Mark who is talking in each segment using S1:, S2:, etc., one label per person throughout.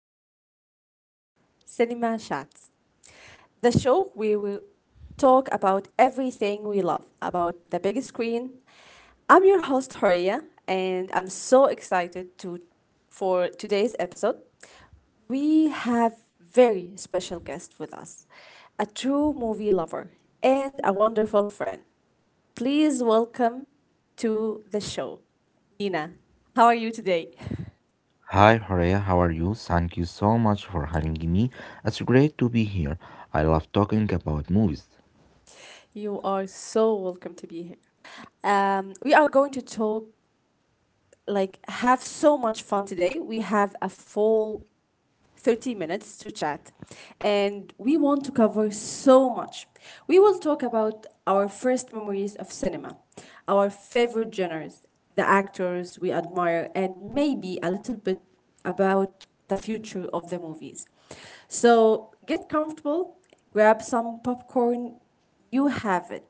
S1: to our podcast, Cinema Chats, the show where we talk about everything we love about the big screen. I'm your host, Horia, and I'm so excited to for today's episode. We have very special guest with us, a true movie lover and a wonderful friend. Please welcome to the show, Nina. How are you today?
S2: Hi, Horea, how are you? Thank you so much for having me. It's great to be here. I love talking about movies.
S1: You are so welcome to be here. We are going to talk, like, have so much fun today. We have a full 30 minutes to chat, and we want to cover so much. We will talk about our first memories of cinema, our favorite genres, the actors we admire, and maybe a little bit about the future of the movies. So get comfortable, grab some popcorn, you have it,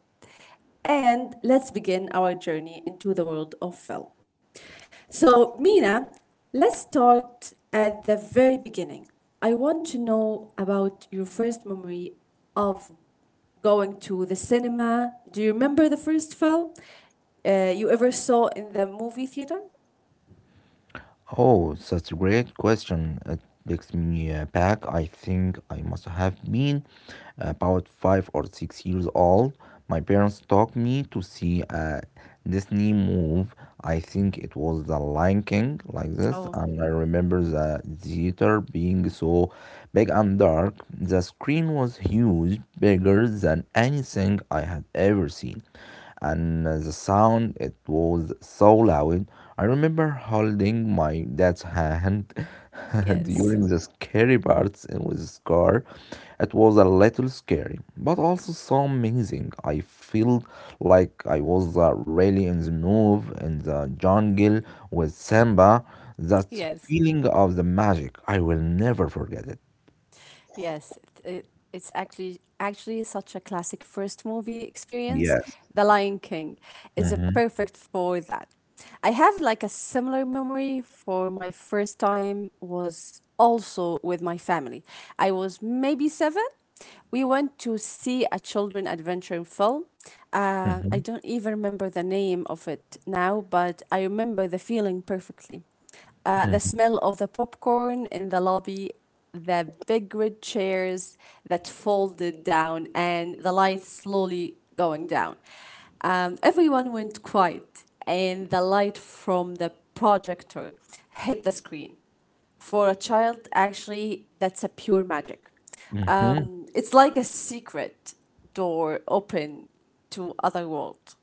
S1: and let's begin our journey into the world of film. So, Mina, let's start at the very beginning. I want to know about your first memory of going to the cinema. Do you remember the first film you ever saw in the movie theater?
S2: Oh, that's a great question. It takes me back. I think I must have been about 5 or 6 years old. My parents took me to see a Disney movie. I think it was The Lion King, like this.
S1: Oh,
S2: And I remember the theater being so big and dark. The screen was huge, bigger than anything I had ever seen. And the sound, it was so loud. I remember holding my dad's hand
S1: yes,
S2: during the scary parts in with the scar. It was a little scary, but also so amazing. I felt like I was really in the move in the jungle with Samba. That
S1: yes.
S2: feeling of the magic, I will never forget it.
S1: Yes, it's actually such a classic first movie experience.
S2: Yes.
S1: The Lion King is a
S2: Mm-hmm.
S1: perfect for that. I have like a similar memory for my first time was also with my family. I was maybe seven. We went to see a children adventure film. I don't even remember the name of it now, but I remember the feeling perfectly. The smell of the popcorn in the lobby, the big red chairs that folded down, and the lights slowly going down. Everyone went quiet, and the light from the projector hit the screen. For a child, actually, that's a pure magic.
S2: Mm-hmm.
S1: It's like a secret door open to other world.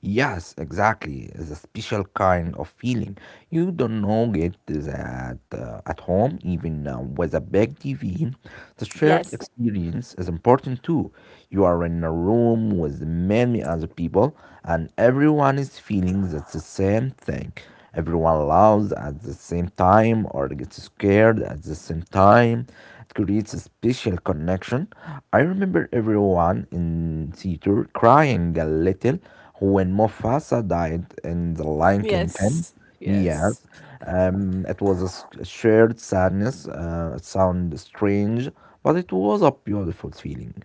S2: Yes, exactly. It's a special kind of feeling. You don't know it that at home, even with a big TV. The shared
S1: Yes,
S2: experience is important too. You are in a room with many other people, and everyone is feeling that's the same thing. Everyone loves at the same time or gets scared at the same time. It creates a special connection. I remember everyone in theater crying a little when Mufasa died in the Lion King film,
S1: yes.
S2: yes, it was a a shared sadness. It sounded strange, but it was a beautiful feeling.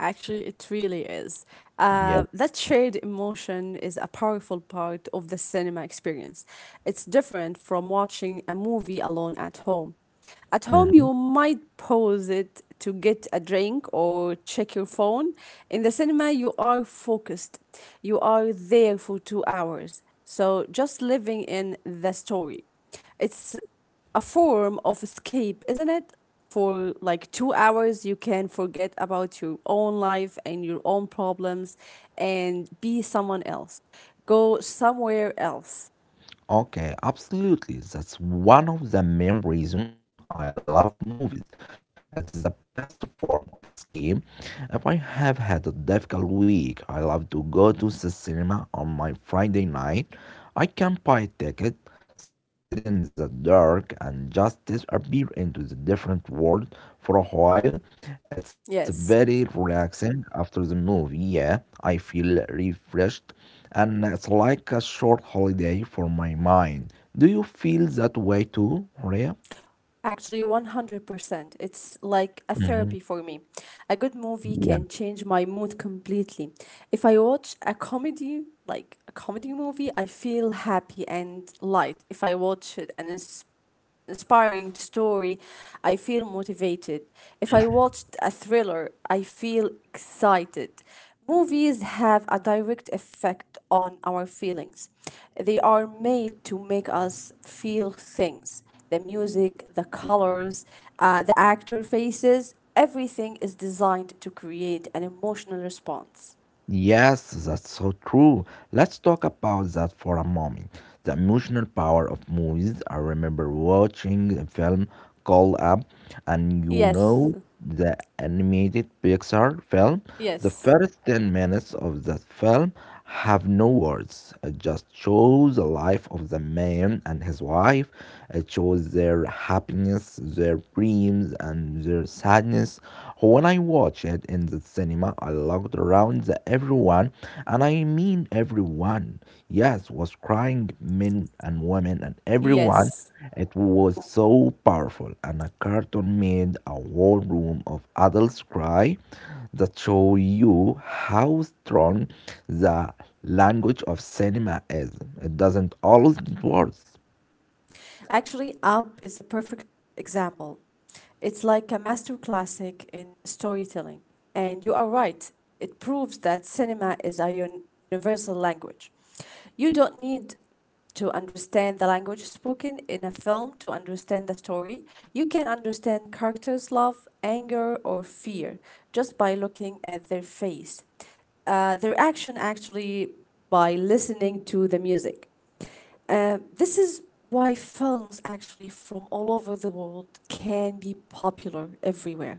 S1: Actually, it really is.
S2: Yeah.
S1: That shared emotion is a powerful part of the cinema experience. It's different from watching a movie alone at home. At home,
S2: Mm-hmm.
S1: you might pause it to get a drink or check your phone. In the cinema, you are focused, you are there for 2 hours. So, just living in the story. It's a form of escape, isn't it? For like 2 hours, you can forget about your own life and your own problems and be someone else. Go somewhere else.
S2: Okay, absolutely. That's one of the main reasons I love movies. It's the best form of escape. If I have had a difficult week, I love to go to the cinema on my Friday night. I can buy a ticket, sit in the dark, and just disappear into the different world for a while. It's very
S1: Yes,
S2: relaxing after the movie. Yeah, I feel refreshed and it's like a short holiday for my mind. Do you feel that way too, Maria?
S1: actually, 100%. It's like a therapy
S2: Mhm.
S1: for me. A good movie
S2: Yeah.
S1: can change my mood completely. If I watch a comedy, like a comedy movie, I feel happy and light. If I watch it, and it's inspiring story, I feel motivated. If I watched a thriller, I feel excited. Movies have a direct effect on our feelings. They are made to make us feel things. The music, the colors, the actor faces, everything is designed to create an emotional response.
S2: Yes, that's so true. Let's talk about that for a moment. The emotional power of movies. I remember watching a film called Up. And you
S1: Yes,
S2: know, the animated Pixar film, the
S1: yes,
S2: first 10 minutes of that film have no words. It just shows the life of the man and his wife. It shows their happiness, their dreams, and their sadness. When I watched it in the cinema, I looked around the everyone, and I mean everyone. Yes, was crying men and women and everyone.
S1: yes.
S2: It was so powerful, and a cartoon made a whole room of adults cry. That show you how strong the language of cinema is. It doesn't always need words.
S1: Actually, Up is a perfect example. It's like a master classic in storytelling. And you are right, it proves that cinema is a universal language. You don't need to understand the language spoken in a film to understand the story. You can understand characters' love, anger, or fear just by looking at their face. Their action actually by listening to the music. This is why films actually from all over the world can be popular everywhere.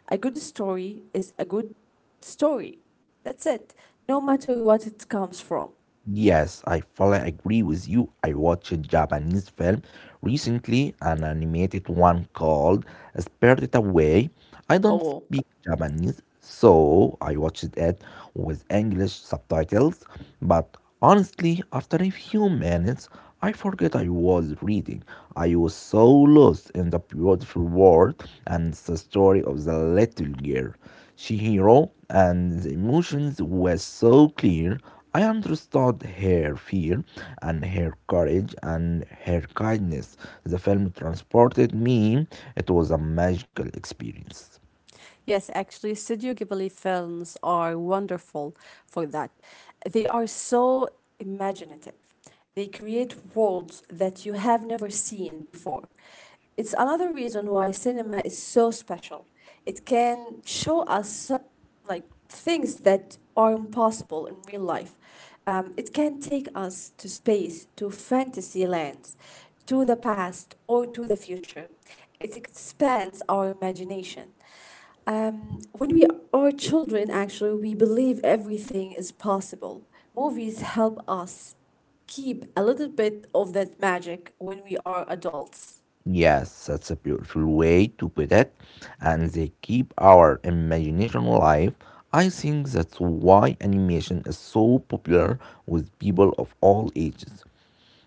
S1: A good story is a good story. That's it. No matter what it comes from
S2: Yes, I fully agree with you. I watched a Japanese film recently, an animated one called Spirited Away. I don't
S1: or
S2: speak Japanese, so I watched it with English subtitles, but honestly, after a few minutes, I forget I was reading. I was so lost in the beautiful world and the story of the little girl. Shihiro and the emotions were so clear. I understood her fear and her courage and her kindness. The film transported me. It was a magical experience.
S1: yes, actually, Studio Ghibli films are wonderful for that. They are so imaginative. They create worlds that you have never seen before. It's another reason why cinema is so special. It can show us like things that are impossible in real life. It can take us to space, to fantasy lands, to the past or to the future. It expands our imagination. When we are children, actually, we believe everything is possible. Movies help us keep a little bit of that magic when we are adults.
S2: Yes, that's a beautiful way to put it. And they keep our imagination alive. I think that's why animation is so popular with people of all ages.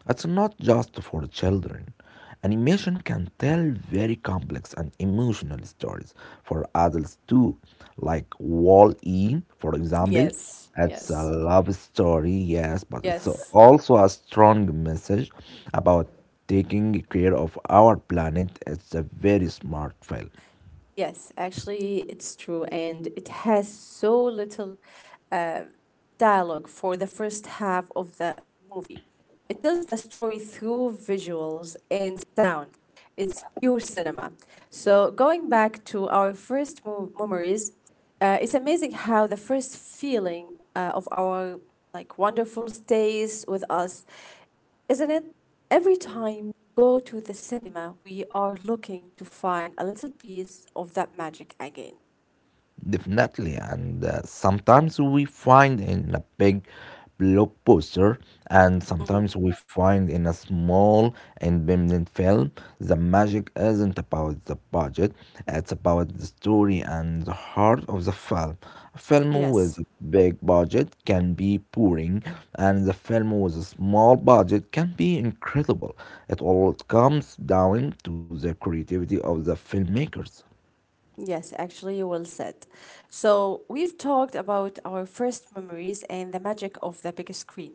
S2: It's not just for children. Animation can tell very complex and emotional stories for adults too, like Wall E, for example.
S1: Yes,
S2: It's
S1: yes,
S2: a love story, yes, but it's
S1: yes.
S2: also a strong message about taking care of our planet. It's a very smart film.
S1: Yes, actually, it's true, and it has so little uh, dialogue for the first half of the movie. It tells the story through visuals and sound. It's pure cinema. So, going back to our first memories, it's amazing how the first feeling of our like wonderful stays with us isn't it? Every time we go to the cinema, we are looking to find a little piece of that magic again.
S2: Definitely, and sometimes we find in a big blog poster, and
S1: Mhm.
S2: sometimes we find in a small independent film. The magic isn't about the budget; it's about the story and the heart of the film. A film with
S1: Yes.
S2: a big budget can be boring, and the film with a small budget can be incredible. It all comes down to the creativity of the filmmakers.
S1: Yes, actually, well said. So, we've talked about our first memories and the magic of the big screen.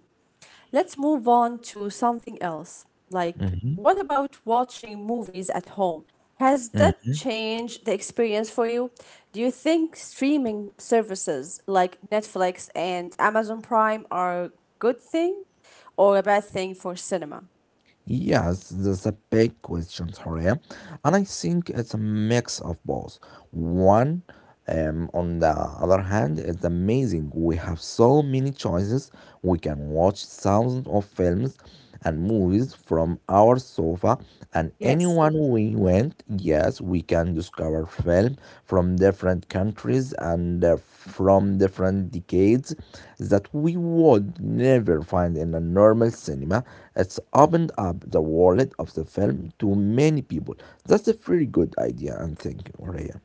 S1: Let's move on to something else. Like,
S2: Mhm.
S1: what about watching movies at home? Has that changed the experience for you? Do you think streaming services like Netflix and Amazon Prime are a good thing or a bad thing for cinema?
S2: Yes, that's a big question, Horia. And I think it's a mix of both. One, on the other hand, it's amazing. We have so many choices. We can watch thousands of films and movies from our sofa, and
S1: Yes.
S2: anyone we went, yes, we can discover film from different countries and from different decades that we would never find in a normal cinema. It's opened up the world of the film to many people. That's a very good idea and thank you, Rhea.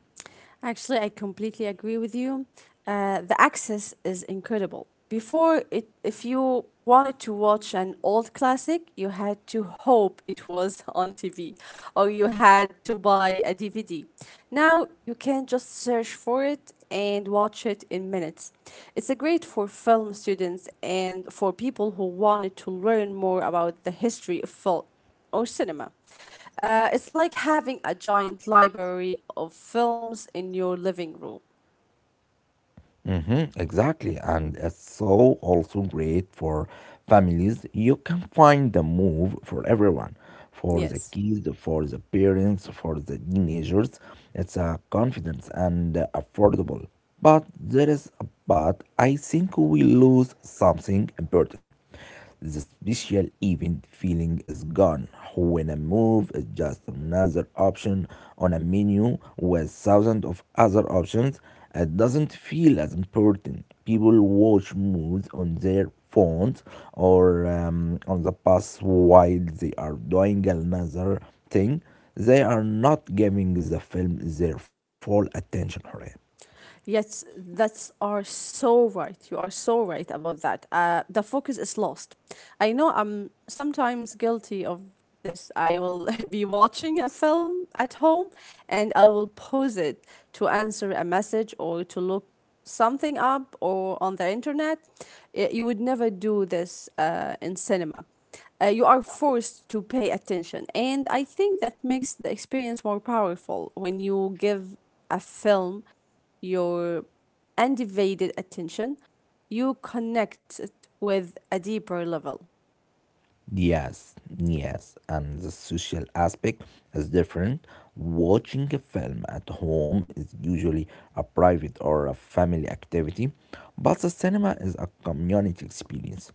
S1: Actually, I completely agree with you. The access is incredible. Before, it, if you wanted to watch an old classic, you had to hope it was on TV or you had to buy a DVD. Now, you can just search for it and watch it in minutes. It's a great for film students and for people who wanted to learn more about the history of film or cinema. It's like having a giant library of films in your living room.
S2: Hmm, exactly. And it's so also great for families. You can find the move for everyone, for the
S1: Yes.
S2: kids, for the parents, for the teenagers. It's a confidence and affordable. But there is a but. I think we lose something important. The special event feeling is gone when a move is just another option on a menu with thousands of other options. It doesn't feel as important. People watch moves on their phones or on the bus while they are doing another thing. They are not giving the film their full attention, Horia.
S1: Yes, that's are so right. You are so right about that. The focus is lost. I know I'm sometimes guilty of this. I will be watching a film at home and I will pause it to answer a message or to look something up or on the internet. You would never do this in cinema. You are forced to pay attention. And I think that makes the experience more powerful when you give a film your undivided attention, you connect it with a deeper level.
S2: Yes, yes, and the social aspect is different. Watching a film at home is usually a private or a family activity, but the cinema is a community experience.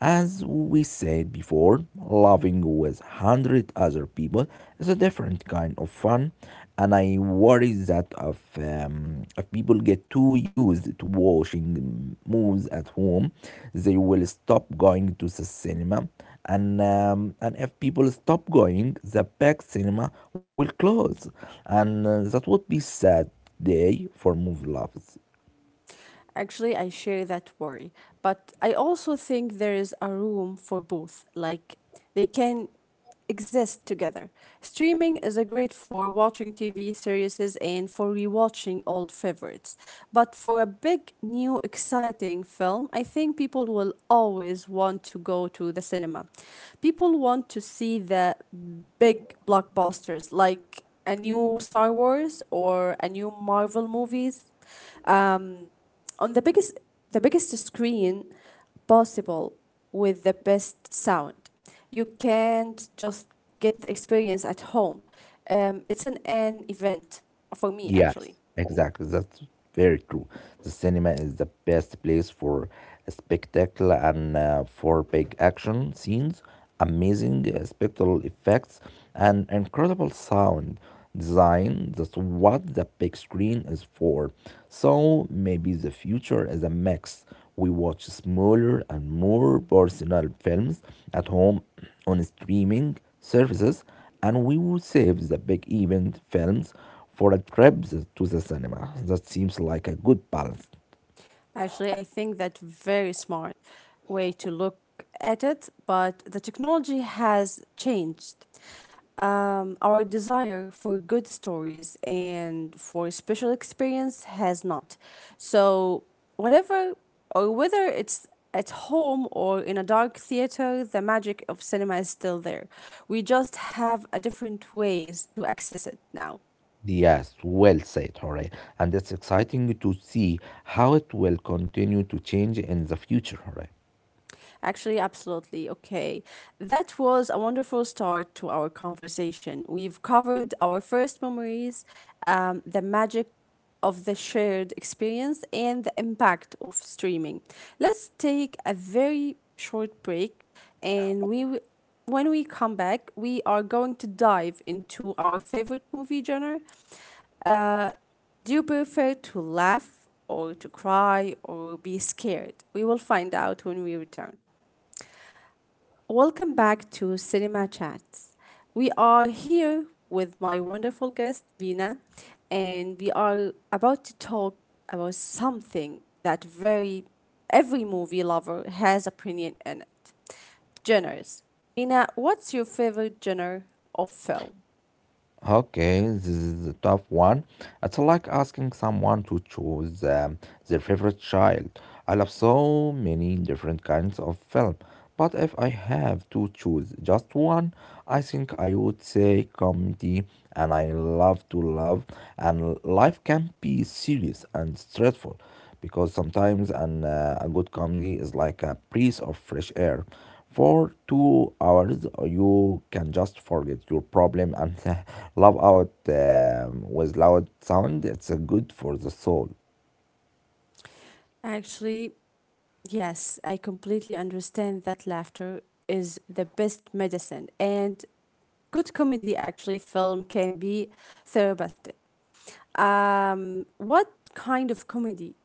S2: As we said before, laughing with 100 other people is a different kind of fun, and I worry that if people get too used to watching movies at home, they will stop going to the cinema and if people stop going the big cinema will close and that would be sad day for movie lovers.
S1: Actually, I share that worry, but I also think there is a room for both. Like, they can exist together. Streaming is a great for watching TV series and for rewatching old favorites. But for a big, new, exciting film, I think people will always want to go to the cinema. People want to see the big blockbusters like a new Star Wars or a new Marvel movies. Um, on the biggest screen possible with the best sound. You can't just get the experience at home. It's an event for me
S2: Yes,
S1: actually.
S2: exactly. That's very true. The cinema is the best place for a spectacle and for big action scenes, amazing spectral effects, and incredible sound design. That's what the big screen is for. So maybe the future is a mix. We watch smaller and more personal films at home on streaming services, and we will save the big event films for a trip to the cinema, that seems like a good balance.
S1: Actually, I think that's very smart way to look at it, but the technology has changed. Our desire for good stories and for special experience has not. So, whatever or whether it's at home or in a dark theater, the magic of cinema is still there. We just have a different ways to access it now.
S2: Yes, well said, Jorge. And it's exciting to see how it will continue to change in the future, Jorge.
S1: Actually, absolutely. Okay. That was a wonderful start to our conversation. We've covered our first memories, the magic of the shared experience, and the impact of streaming. Let's take a very short break, and when we come back, we are going to dive into our favorite movie genre. Uh, do you prefer to laugh or to cry or be scared? We will find out when we return. Welcome back to Cinema Chats. We are here with my wonderful guest, Vina, and we are about to talk about something that very every movie lover has opinion in it. Genres. Vina, what's your favorite genre of film?
S2: Okay, this is a tough one. It's like asking someone to choose their favorite child. I love so many different kinds of film, but if I have to choose just one, I think I would say comedy, and I love to love, and life can be serious and stressful because sometimes a good comedy is like a breeze of fresh air. For 2 hours, you can just forget your problem and laugh out with loud sound. It's good for the soul.
S1: Actually, yes, I completely understand that laughter is the best medicine and good comedy actually film can be therapeutic. What kind of comedies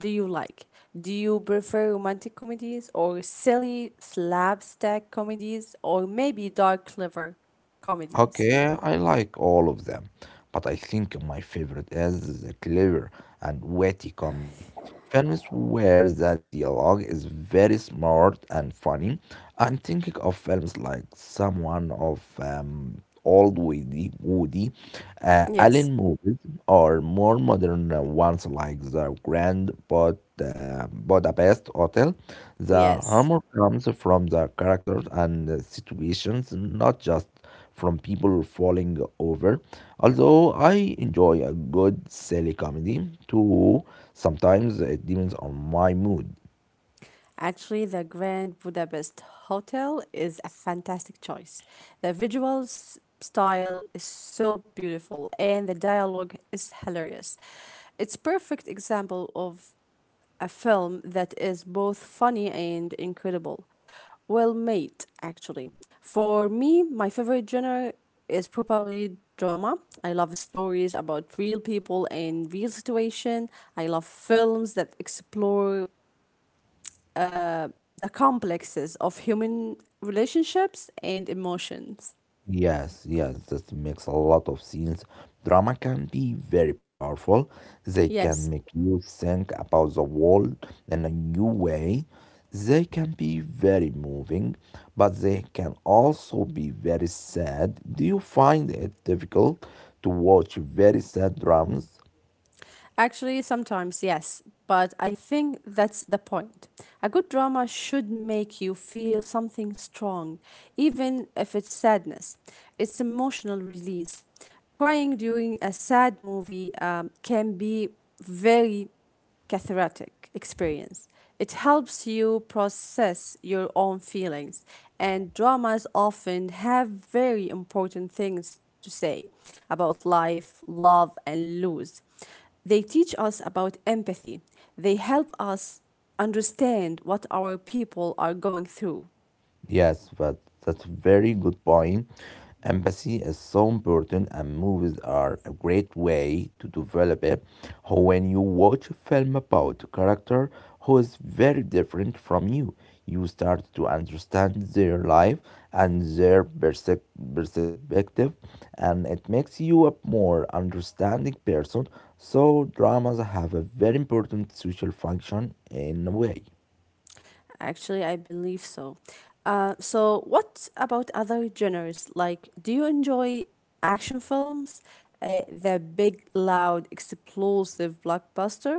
S1: do you like? Do you prefer romantic comedies or silly slapstick comedies or maybe dark clever comedies?
S2: Okay, I like all of them, but I think my favorite is the clever and witty comedy. Films where the dialogue is very smart and funny. I'm thinking of films like someone of old Woody
S1: Yes.
S2: Allen movies, or more modern ones like The Grand Budapest Hotel. The
S1: Yes.
S2: humor comes from the characters and the situations, not just from people falling over. Although I enjoy a good silly comedy too, sometimes it depends on my mood.
S1: Actually, the Grand Budapest Hotel is a fantastic choice. The visual style is so beautiful and the dialogue is hilarious. It's perfect example of a film that is both funny and incredible. Well made, actually. For me, my favorite genre is probably drama. I love stories about real people and real situation. I love films that explore the complexes of human relationships and emotions.
S2: Yes, yes, that makes a lot of sense. Drama can be very powerful. They can
S1: Yes.
S2: make you think about the world in a new way. They can be very moving, but they can also be very sad. Do you find it difficult to watch very sad dramas?
S1: Actually, sometimes, yes, but I think that's the point. A good drama should make you feel something strong, even if it's sadness. It's emotional release. Crying during a sad movie can be very cathartic experience. It helps you process your own feelings, and dramas often have very important things to say about life, love, and lose. They teach us about empathy, they help us understand what our people are going through.
S2: Yes, but that's a very good point. Empathy is so important, and movies are a great way to develop it. How When you watch a film about a character who is very different from you, you start to understand their life and their perspective, and it makes you a more understanding person. So, dramas have a very important social function in a way.
S1: Actually, I believe so. So, what about other genres? Like, do you enjoy action films? The big, loud, explosive blockbuster?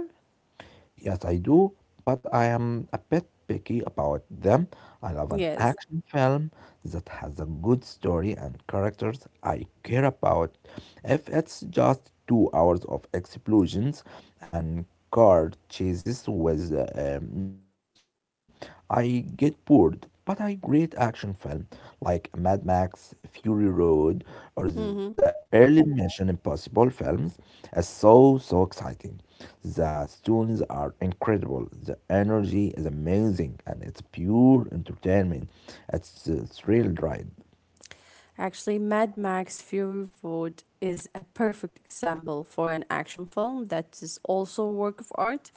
S2: Yes, I do, but I am a bit picky about them. I love an
S1: Yes.
S2: action film that has a good story and characters I care about. If it's just 2 hours of explosions and car chases with no story, I get bored. But a great action film like Mad Max, Fury Road, or
S1: Mm-hmm.
S2: the early Mission Impossible films is so exciting. The stories are incredible. The energy is amazing and it's pure entertainment. It's a thrill ride.
S1: Actually, Mad Max Fury Road is a perfect example for an action film that is also a work of art.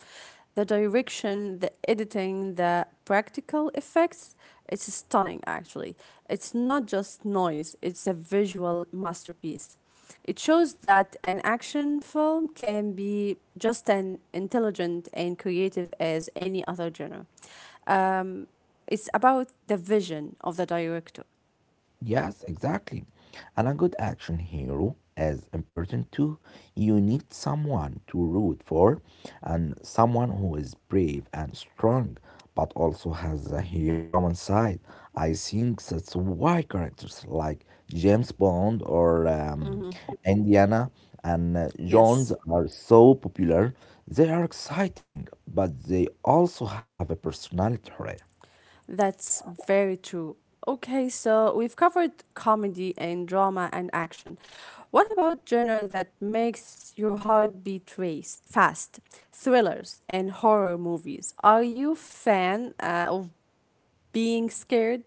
S1: The direction, the editing, the practical effects, it's stunning actually. It's not just noise, it's a visual masterpiece. It shows that an action film can be just as intelligent and creative as any other genre. Um, it's about the vision of the director.
S2: Yes, exactly. And a good action hero is important too. You need someone to root for and someone who is brave and strong but also has a human side. I think that's why characters like James Bond or
S1: Hmm.
S2: Indiana and
S1: Yes.
S2: Jones are so popular. They are exciting, but they also have a personality, right?
S1: That's very true. Okay, so we've covered comedy and drama and action. What about genre that makes your heart beat race fast? Thrillers and horror movies. Are you fan of being scared?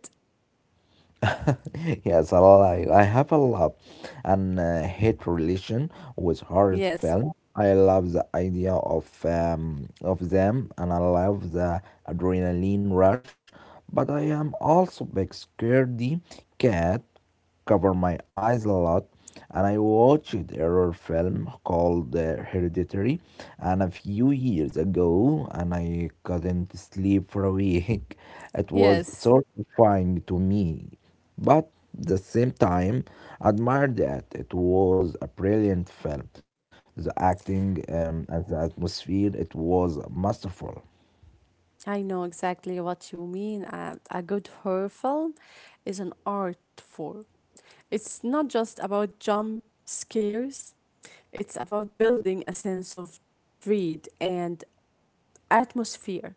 S2: yes, so I lie. I have a love and hate relation with horror
S1: Yes.
S2: film. I love the idea of them, and I love the adrenaline rush. But I am also big scaredy cat. Cover my eyes a lot, and I watched horror film called Hereditary, and a few years ago, and I couldn't sleep for a week. It was
S1: Yes.
S2: so terrifying to me but the same time admired that it was a brilliant film. The acting and the atmosphere it was masterful.
S1: I know exactly what you mean. A good horror film is an art form. It's not just about jump scares, it's about building a sense of dread and atmosphere.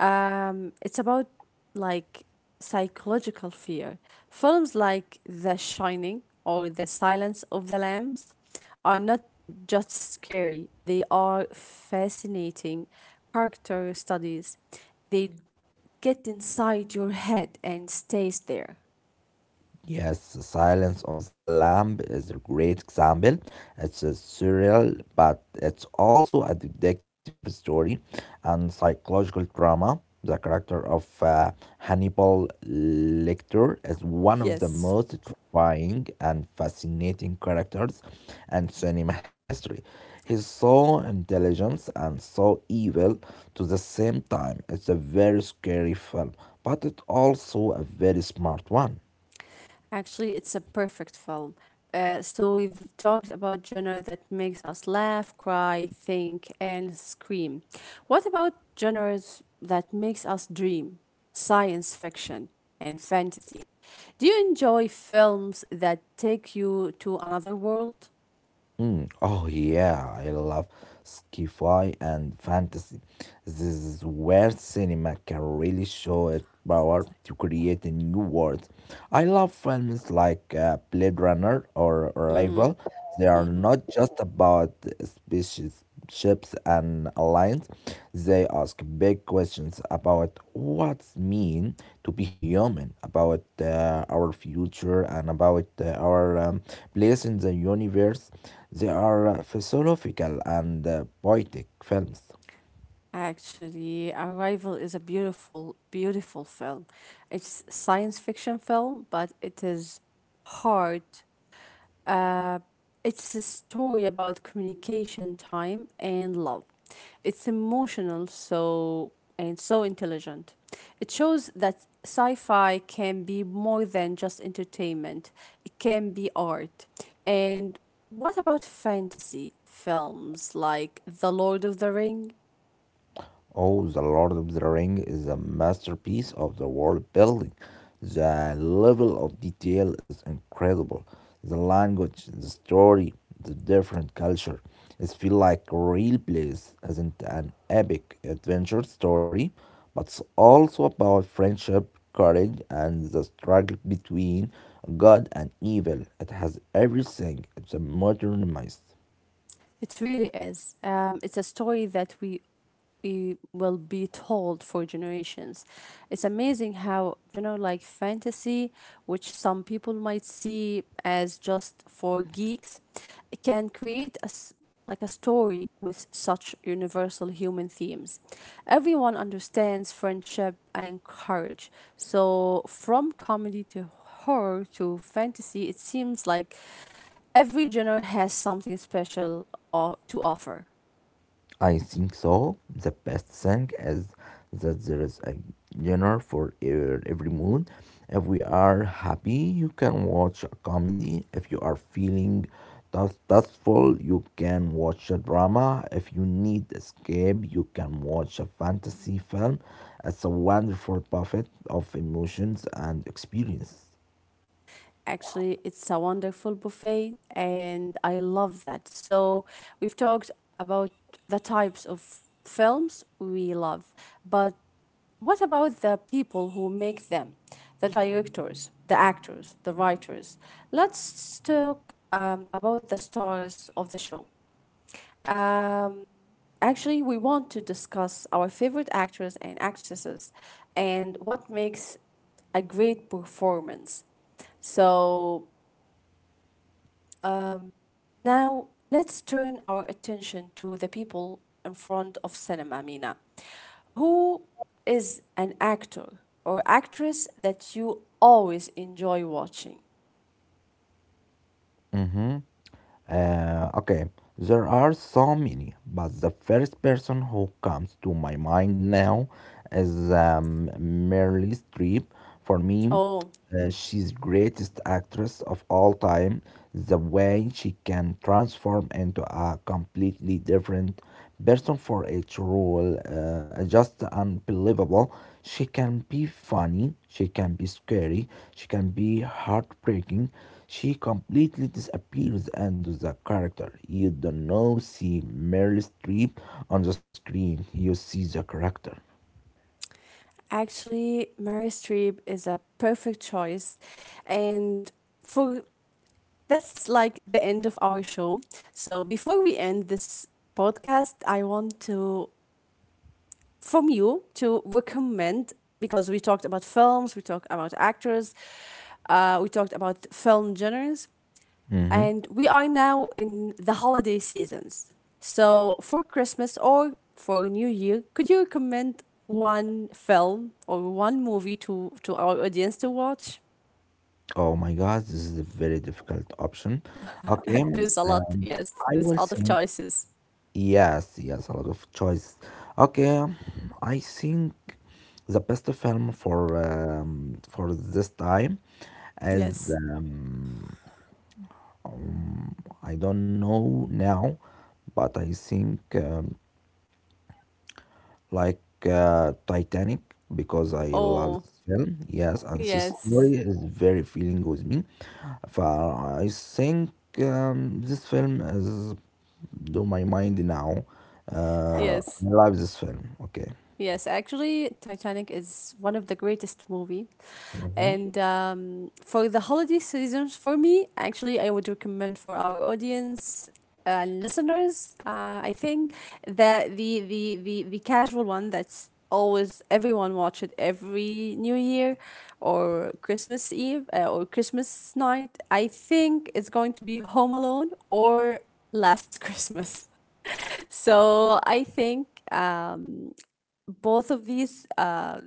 S1: It's about like psychological fear. Films like The Shining or The Silence of the Lambs are not just scary, they are fascinating character studies. They get inside your head and stays there.
S2: Yes, The Silence of the Lamb is a great example. It's a surreal, but it's also a detective story and psychological drama. The character of Hannibal Lecter is one of the
S1: Yes.
S2: most terrifying and fascinating characters in cinema history. He's so intelligent and so evil to the same time. It's a very scary film, but it's also a very smart one.
S1: Actually, it's a perfect film. So we've talked about genre that makes us laugh, cry, think, and scream. What about genres that makes us dream? Science fiction and fantasy. Do you enjoy films that take you to another world?
S2: Mm. Oh yeah, I love sci-fi and fantasy. This is where cinema can really show its power to create a new world. I love films like Blade Runner or
S1: Mm-hmm.
S2: Arrival. They are
S1: Mm-hmm.
S2: not just about species, ships and alliance, they ask big questions about what's mean to be human, about our future, and about our place in the universe. They are philosophical and poetic films.
S1: Actually, Arrival is a beautiful, beautiful film. It's science fiction film, but it is hard. It's a story about communication, time, and love. It's emotional, so and so intelligent. It shows that sci-fi can be more than just entertainment. It can be art. And what about fantasy films like The Lord of the Ring?
S2: Oh, The Lord of the Ring is a masterpiece of the world building. The level of detail is incredible. The language, the story, the different culture. It feels like a real place isn't an epic adventure story, but it's also about friendship, courage, and the struggle between good and evil. It has everything. It's a modernized.
S1: It really is. It's a story that we will be told for generations. It's amazing how, you know, like fantasy, which some people might see as just for geeks, it can create a like a story with such universal human themes. Everyone understands friendship and courage. So from comedy to horror to fantasy, it seems like every genre has something special to offer.
S2: I think so. The best thing is that there is a genre for every mood. If we are happy, you can watch a comedy. If you are feeling dustful, you can watch a drama. If you need escape, you can watch a fantasy film. It's a wonderful buffet of emotions and experiences.
S1: Actually, it's a wonderful buffet, and I love that. So, we've talked about the types of films we love, but what about the people who make them? The directors, the actors, the writers. Let's talk about the stars of the show. Um, Actually, we want to discuss our favorite actors and actresses and what makes a great performance. So, now, let's turn our attention to the people in front of cinema, Mina. Who is an actor or actress that you always enjoy watching?
S2: Mm-hmm. Okay, there are so many, but the first person who comes to my mind now is Meryl Streep. For me,
S1: Oh,
S2: she's greatest actress of all time. The way she can transform into a completely different person for each role, just unbelievable. She can be funny, she can be scary, she can be heartbreaking. She completely disappears into the character. You don't know see Meryl Streep on the screen. You see the character.
S1: actually, Mary Streep is a perfect choice. And for that's like the end of our show. So before we end this podcast, I want to from you to recommend because we talked about films, we talked about actors, we talked about film genres, and
S2: Mm-hmm.
S1: we are now in the holiday seasons. So for Christmas or for New Year, could you recommend one film or one movie to our audience to watch?
S2: Oh my God, this is a very difficult option. Okay,
S1: There's a lot, yes.
S2: I
S1: There's
S2: will
S1: a lot of
S2: say.
S1: choices.
S2: Yes, yes, a lot of choice. Okay, I think the best film for this time is
S1: Yes.
S2: I don't know now, but I think like Titanic because I love
S1: Oh,
S2: this film. Yes, and this story
S1: yes.
S2: is very feeling with me. For I think this film is do my mind now.
S1: Yes.
S2: I love this film. Okay.
S1: Yes, actually, Titanic is one of the greatest movie, and for the holiday seasons, for me, actually, I would recommend for our audience and listeners. I think that the casual one that's always everyone watch it every New Year or Christmas Eve or Christmas night. I think it's going to be Home Alone or Last Christmas. So I think. Both of these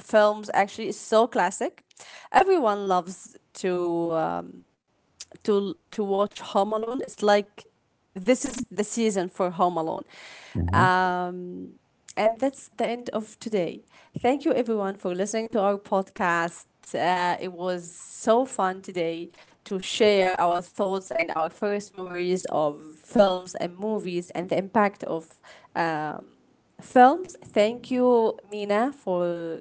S1: films actually is so classic. Everyone loves to watch Home Alone. It's like this is the season for Home Alone.
S2: اهم.
S1: Um, and that's the end of today. Thank you everyone for listening to our podcast. It was so fun today to share our thoughts and our first memories of films and movies and the impact of um, films. Thank you, Mina, for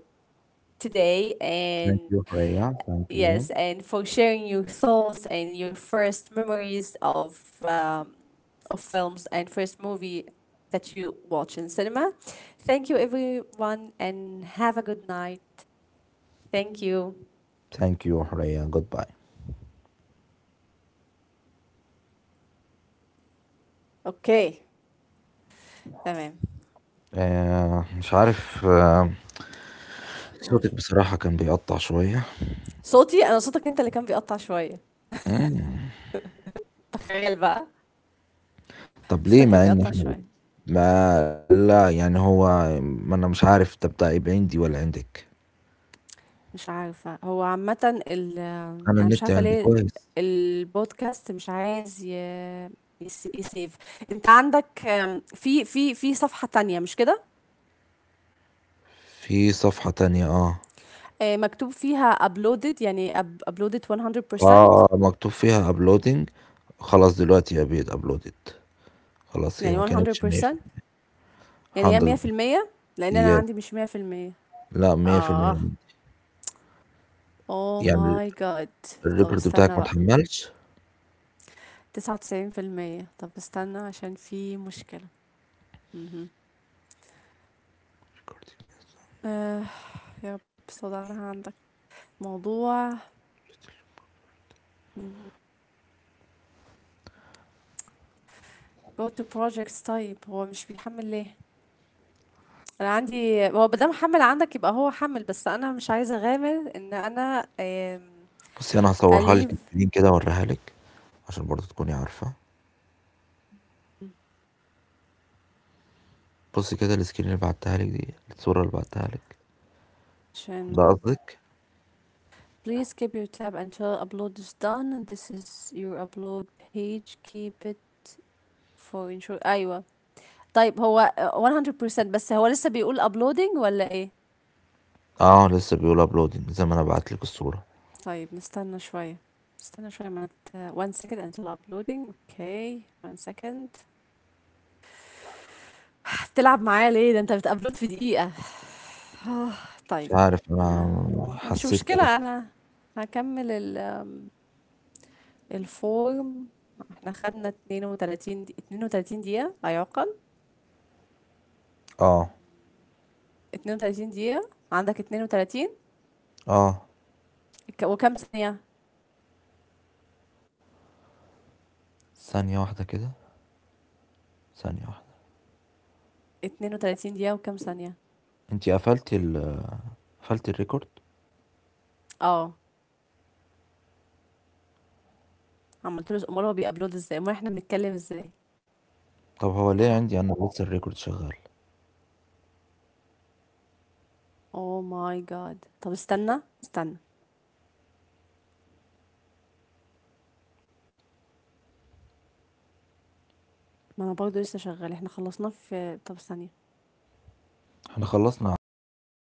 S1: today,
S2: thank
S1: and
S2: you حورية thank you
S1: yes, and for sharing your thoughts and your first memories of films and first movie that you watch in cinema. Thank you, everyone, and have a good night. Thank you.
S2: thank you حورية goodbye.
S1: اوكي، تمام.
S2: آآ مش عارف آه
S1: قول،
S2: صوتِك بصراحة كان بيقطّع شوية،
S1: صوتي أنا؟ صوتك أنت اللي كان بيقطع شوية، تخيل بقى.
S2: طَب
S1: صوتك
S2: ليه
S1: كان
S2: مع إن
S1: بيقطع
S2: إحنا
S1: شوية.
S2: ما لأ، يعني هو ما أنا مش عارف ده بتاع يبقى عندي والّا عندِك؟
S1: مش عارفة، هو عامةً ال
S2: أنا
S1: أنا مش
S2: النت
S1: عارفة
S2: عندي
S1: ليه
S2: كويس.
S1: الpodcast مش عايز ي يس يsave. أنت عندك آمم، في صفحة تانية مش كده؟
S2: في صفحة تانية آه.
S1: آآ، مكتوب فيها uploaded، يعني up uploaded 100%.
S2: آه، آه، مكتوب فيها uploading خلاص دلوقتي هي بقت uploaded خلاص هي
S1: يعني
S2: ما كانتش 100%
S1: 100%،
S2: 100%
S1: يعني هي 100%، لإن أنا
S2: yes
S1: عندي مش 100%.
S2: لأ 100%
S1: آه،
S2: عندي.
S1: oh
S2: يعني
S1: my god. طب
S2: الrecord بتاعِك
S1: استنى
S2: ما
S1: بقى
S2: اتحمّلش؟
S1: 99%. طب استنى عشان في مشكلة. اهم، آه، يا رب، استودعناها عندك. موضوع go to projects. طيب هو مش بيحمّل ليه؟ أنا عندي، هو ما دام حمّل عندك يبقى هو حمّل، بس أنا مش عايزة أغامر إن أنا آمم
S2: بُصّي أنا هاصورها لِك
S1: أleave.
S2: screen كده أورّيها لِك، عشان برضه تكوني عارفة، بُصّي كده الscreen اللي بعتّها لِك دي، الصورة اللي بعتّها لك، ده
S1: عشان
S2: قصدِك؟
S1: please keep your tab until upload is done, and this is your upload page, keep it for ensure. أيوه. طيب هو 100%، بس هو لسه بيقول uploading والّا إيه؟
S2: آه، لسه بيقول uploading زي ما أنا باعت لِك الصورة،
S1: طيب نستنى شوية، نستنى شوية. ما نت 1 second until uploading. أوكي، 1 second. تلعب معايا ليه؟ ده أنت بتupload في دقيقة.
S2: مش
S1: طيب،
S2: عارف أنا
S1: مش
S2: حسّيت كده
S1: مشكلة. أنا هاكمل ال الform. احنا خدنا اتنين وتلاتين دقيقة، اتنين وتلاتين دقيقة، لا يعقل.
S2: آه،
S1: اتنين وتلاتين دقيقة عندك؟ اتنين وتلاتين
S2: آه،
S1: وكم ثانية؟
S2: ثانية واحدة كده، ثانية واحدة،
S1: اتنين وتلاتين دقيقة وكم ثانية؟
S2: أنتِ قفلتِ ال قفلتِ الrecord؟
S1: اه. عملت له؟ امال هو بيأبلود ازاي؟ امال احنا بنتكلم ازاي؟
S2: طَب هو ليه عندي أنا لسه الrecord شغّال،
S1: اوه ماي جاد. طب استنى، استنى. ما انا برضه لسه شغال. احنا خلصناه في، طب، ثانية.
S2: إحنا خلّصنا على 30.